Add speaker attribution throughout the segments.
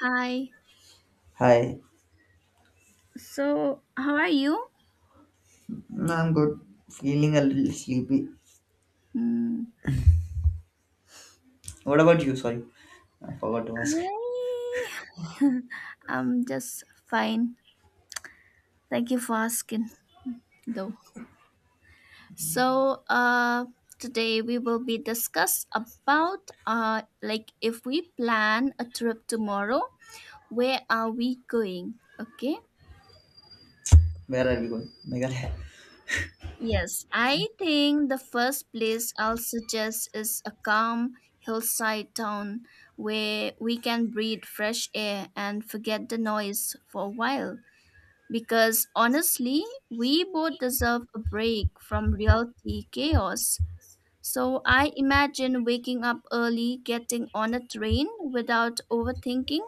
Speaker 1: Hi.
Speaker 2: Hi.
Speaker 1: So, how are you?
Speaker 2: I'm good. Feeling a little sleepy.
Speaker 1: Hmm.
Speaker 2: What about you? Sorry, I forgot to ask.
Speaker 1: I am just fine. Thank you for asking, though. So, uh, Today we will be discuss about like if we plan a trip tomorrow, where are we going? Okay.
Speaker 2: Where are we going? Meghalaya.
Speaker 1: Yes, I think the first place I'll suggest is a calm hillside town where we can breathe fresh air and forget the noise for a while. Because honestly, we both deserve a break from reality chaos. So I imagine waking up early, getting on a train without overthinking,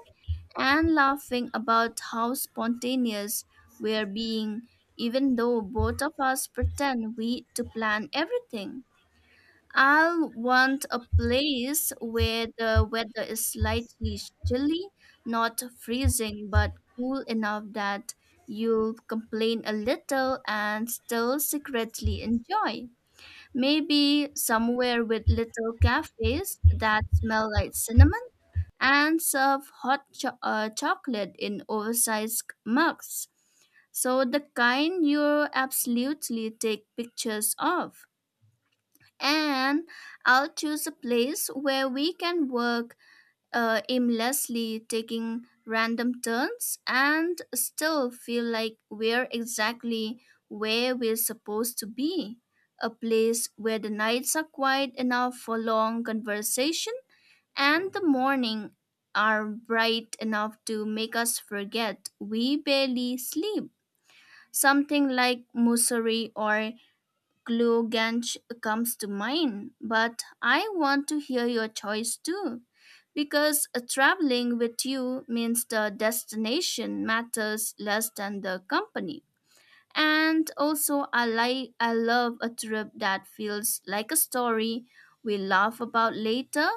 Speaker 1: and laughing about how spontaneous we're being, even though both of us pretend we to plan everything. I'll want a place where the weather is slightly chilly, not freezing, but cool enough that you'll complain a little and still secretly enjoy. Maybe somewhere with little cafes that smell like cinnamon and serve hot chocolate in oversized mugs. So, the kind you absolutely take pictures of and I'll choose a place where we can work aimlessly, taking random turns, and still feel like we're exactly where we're supposed to be. A place where the nights are quiet enough for long conversation and the morning are bright enough to make us forget we barely sleep. Something like Mussoorie or Gloganch comes to mind, but I want to hear your choice too, because traveling with you means the destination matters less than the company. And also, I love a trip that feels like a story we laugh about later,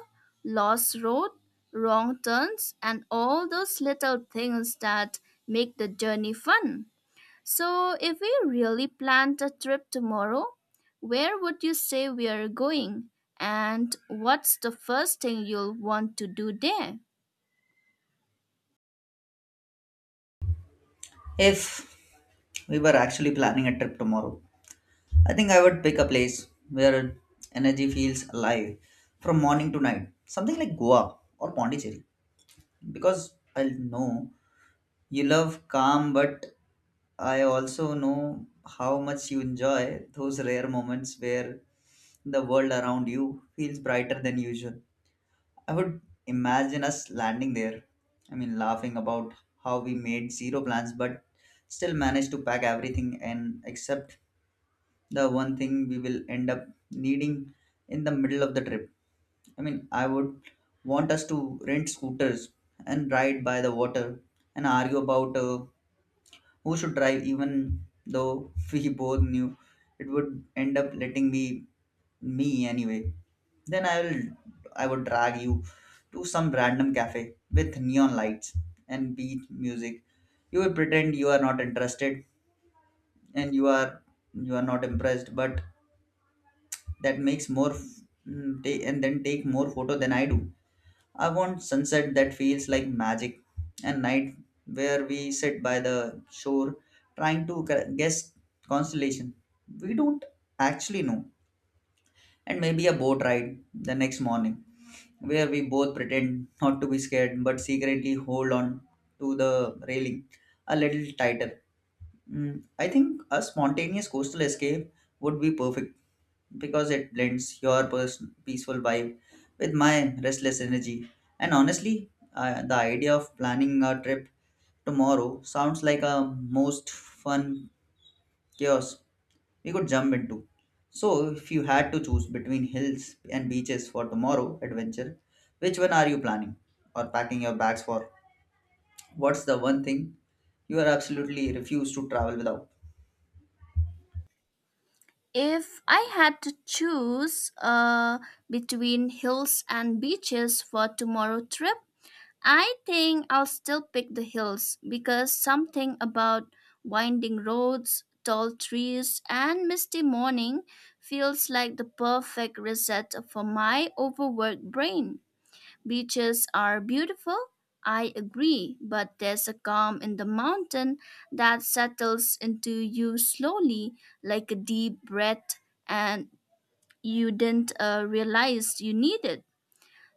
Speaker 1: lost road, wrong turns, and all those little things that make the journey fun. So, if we really planned a trip tomorrow, where would you say we are going? And what's the first thing you'll want to do there?
Speaker 2: If we were actually planning a trip tomorrow, I think I would pick a place where energy feels alive from morning to night. Something like Goa or Pondicherry. Because I know you love calm, but I also know how much you enjoy those rare moments where the world around you feels brighter than usual. I would imagine us landing there. I mean, laughing about how we made zero plans but still managed to pack everything and except the one thing we will end up needing in the middle of the trip. I mean, I would want us to rent scooters and ride by the water and argue about who should drive even though we both knew it would end up letting me anyway. Then I would drag you to some random cafe with neon lights and beat music. You will pretend you are not interested and you are not impressed, but that makes more and then take more photo than I do. I want sunset that feels like magic, and night where we sit by the shore trying to guess constellation we don't actually know, and maybe a boat ride the next morning where we both pretend not to be scared but secretly hold on to the railing a little tighter. I think a spontaneous coastal escape would be perfect because it blends your person peaceful vibe with my restless energy. And honestly, the idea of planning a trip tomorrow sounds like a most fun chaos we could jump into. So, if you had to choose between hills and beaches for tomorrow adventure, which one are you planning or packing your bags for? What's the one thing you are absolutely refuse to travel without?
Speaker 1: If I had to choose between hills and beaches for tomorrow trip, I think I'll still pick the hills because something about winding roads, tall trees, and misty morning feels like the perfect reset for my overworked brain. Beaches are beautiful, I agree, but there's a calm in the mountain that settles into you slowly, like a deep breath, and you didn't realize you needed.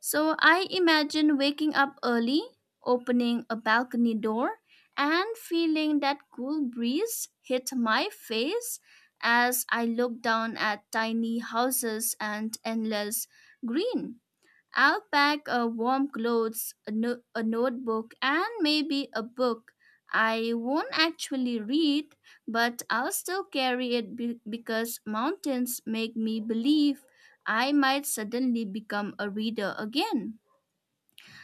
Speaker 1: So I imagine waking up early, opening a balcony door, and feeling that cool breeze hit my face as I looked down at tiny houses and endless green. I'll pack a warm clothes, a, no- a notebook, and maybe a book. I won't actually read, but I'll still carry it because mountains make me believe I might suddenly become a reader again.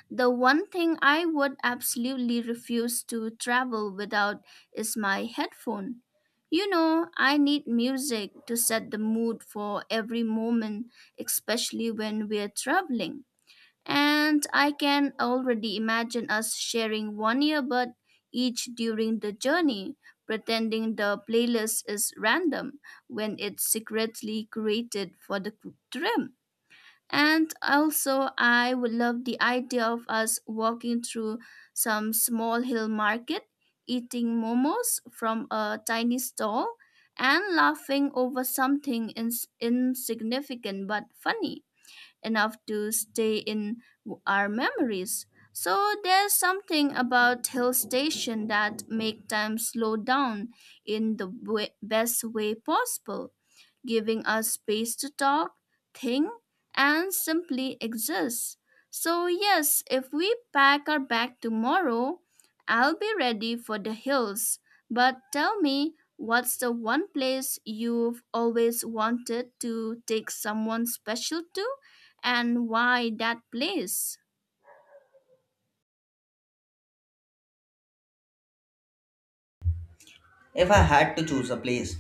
Speaker 1: The one thing I would absolutely refuse to travel without is my headphone. You know I need music to set the mood for every moment, especially when we're traveling. And I can already imagine us sharing one earbud each during the journey, pretending the playlist is random when it's secretly created for the trip. And also, I would love the idea of us walking through some small hill market, eating momos from a tiny stall, and laughing over something insignificant but funny enough to stay in our memories. So there's something about hill station that make time slow down in the best way possible, giving us space to talk, think, and simply exist. So, yes, if we pack our bag tomorrow, I'll be ready for the hills. But tell me, what's the one place you've always wanted to take someone special to, and why that place?
Speaker 2: If I had to choose a place,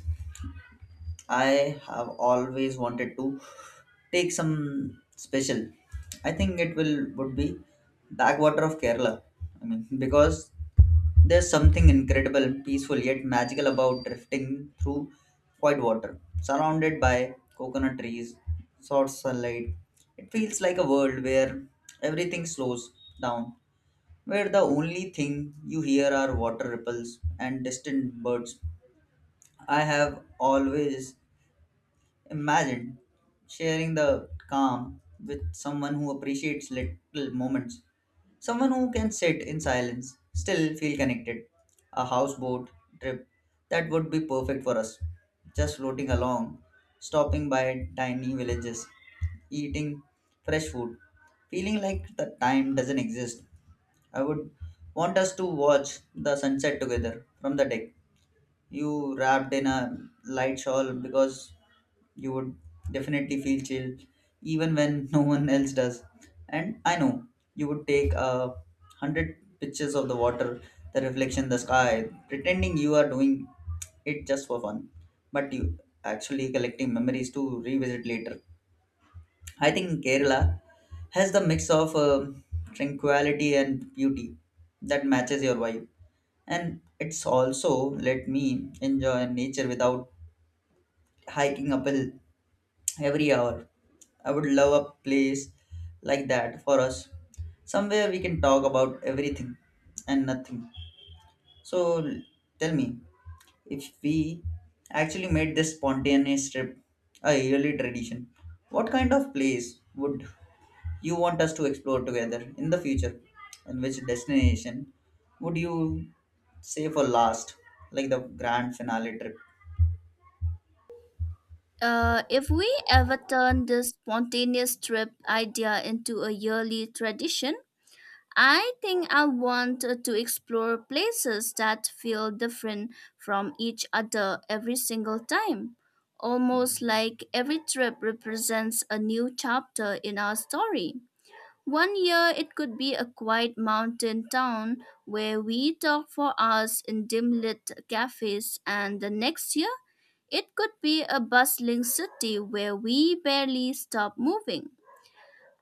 Speaker 2: I have always wanted to take some special. I think it will would be backwater of Kerala. I mean, because there's something incredible, peaceful yet magical about drifting through quiet water, surrounded by coconut trees, soft sunlight. It feels like a world where everything slows down, where the only thing you hear are water ripples and distant birds. I have always imagined sharing the calm with someone who appreciates little moments, someone who can sit in silence, still feel connected. A houseboat trip that would be perfect for us, just floating along, stopping by tiny villages, eating fresh food, feeling like the time doesn't exist. I would want us to watch the sunset together from the deck, you wrapped in a light shawl because you would definitely feel chill even when no one else does. And I know you would take a hundred pictures of the water, the reflection, the sky, pretending you are doing it just for fun, but you actually collecting memories to revisit later. I think kerala has the mix of tranquility and beauty that matches your vibe, and it's also let me enjoy nature without hiking up a hill every hour. I would love a place like that for us, somewhere we can talk about everything and nothing. So tell me, if we actually made this spontaneous trip a yearly tradition, what kind of place would you want us to explore together in the future? And which destination would you say for last, like the grand finale trip?
Speaker 1: If we ever turn this spontaneous trip idea into a yearly tradition, I think I want to explore places that feel different from each other every single time. Almost like every trip represents a new chapter in our story. One year it could be a quiet mountain town where we talk for hours in dim lit cafes, and the next year it could be a bustling city where we barely stop moving.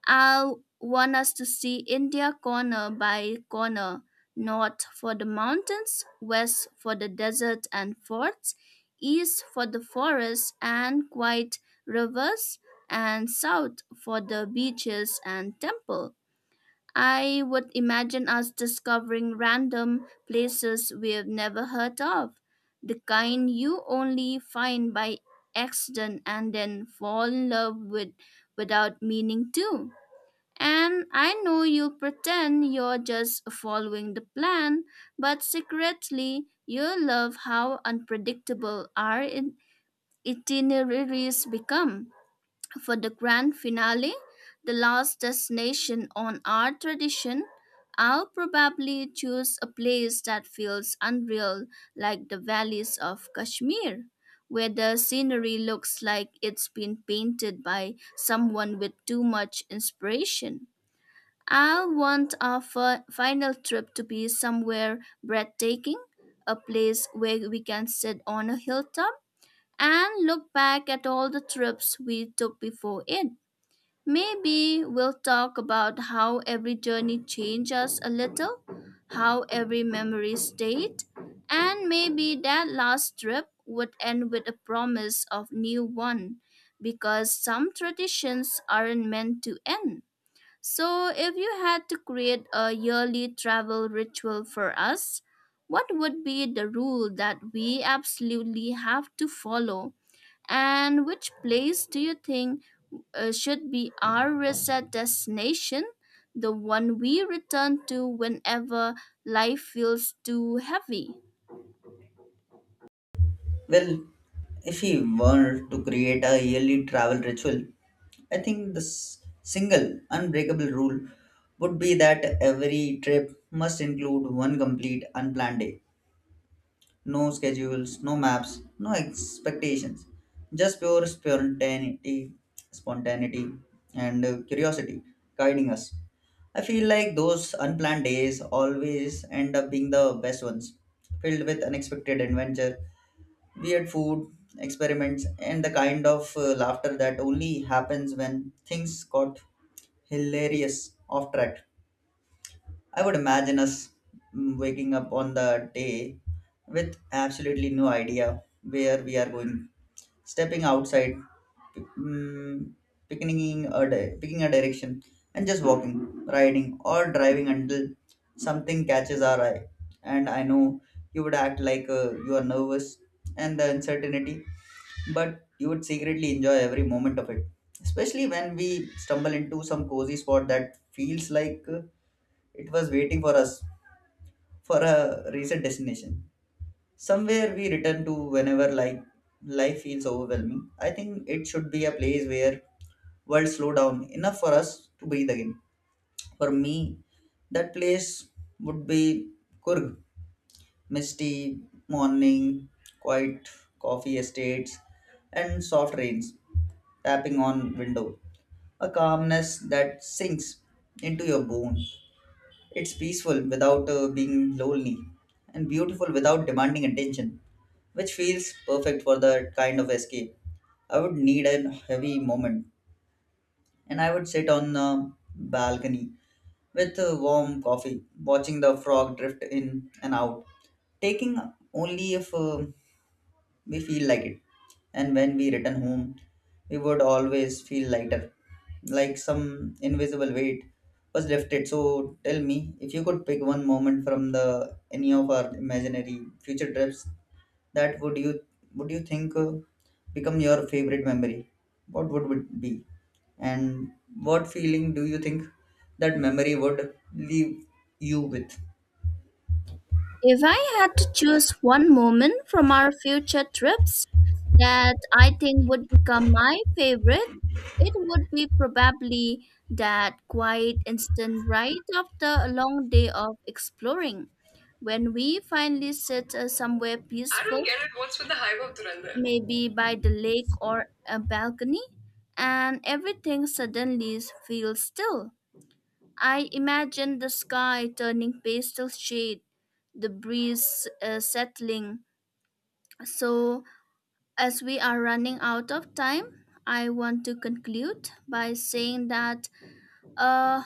Speaker 1: I want us to see India corner by corner, north for the mountains, west for the desert and forts, east for the forests and quiet rivers, and south for the beaches and temple. I would imagine us discovering random places we've never heard of, the kind you only find by accident and then fall in love with without meaning to. And I know you pretend you're just following the plan, but secretly you love how unpredictable our itineraries become. For the grand finale, the last destination on our tradition, I'll probably choose a place that feels unreal, like the valleys of Kashmir, where the scenery looks like it's been painted by someone with too much inspiration. I want our final trip to be somewhere breathtaking, a place where we can sit on a hilltop and look back at all the trips we took before it. Maybe we'll talk about how every journey changed us a little, how every memory stayed, and maybe that last trip would end with a promise of new one because some traditions aren't meant to end. So, if you had to create a yearly travel ritual for us, what would be the rule that we absolutely have to follow? And which place do you think should be our reset destination, the one we return to whenever life feels too heavy?
Speaker 2: Well, if he were to create a yearly travel ritual, I think the single unbreakable rule would be that every trip must include one complete unplanned day. No schedules, no maps, no expectations. Just pure spontaneity and curiosity guiding us. I feel like those unplanned days always end up being the best ones, filled with unexpected adventure, weird food, experiments, and the kind of laughter that only happens when things got hilarious off track. I would imagine us waking up on the day with absolutely no idea where we are going, stepping outside, mm, picking picking a direction, and just walking, riding, or driving until something catches our eye. And I know you would act like you are nervous and the uncertainty, but you would secretly enjoy every moment of it. Especially when we stumble into some cozy spot that feels like it was waiting for us. For a recent destination, somewhere we return to whenever like life feels overwhelming, I think it should be a place where world slow down enough for us to breathe again. For me, that place would be Kurg. Misty morning, quiet coffee estates, and soft rains tapping on window. A calmness that sinks into your bone. It's peaceful without being lonely, and beautiful without demanding attention, which feels perfect for that kind of escape. I would need a heavy moment, and I would sit on the balcony with a warm coffee, watching the frog drift in and out, taking only if we feel like it. And when we return home, we would always feel lighter, like some invisible weight was lifted. So tell me, if you could pick one moment from the any of our imaginary future trips, that would you think become your favorite memory? What would it be? And what feeling do you think that memory would leave you with?
Speaker 1: If I had to choose one moment from our future trips that I think would become my favorite, it would be probably that quiet instant right after a long day of exploring. When we finally sit somewhere
Speaker 2: I don't
Speaker 1: peaceful,
Speaker 2: get it. What's with the hype of Durandar?
Speaker 1: maybe by the lake or a balcony, and everything suddenly feels still. I imagine the sky turning pastel shade, the breeze settling. So, as we are running out of time, I want to conclude by saying that uh,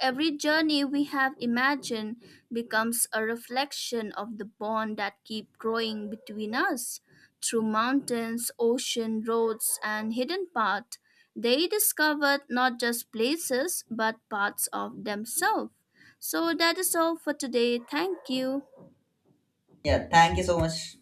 Speaker 1: every journey we have imagined becomes a reflection of the bond that keep growing between us. Through mountains, ocean, roads, and hidden paths, they discovered not just places but parts of themselves. So that is all for today. Thank you.
Speaker 2: Yeah, thank you so much.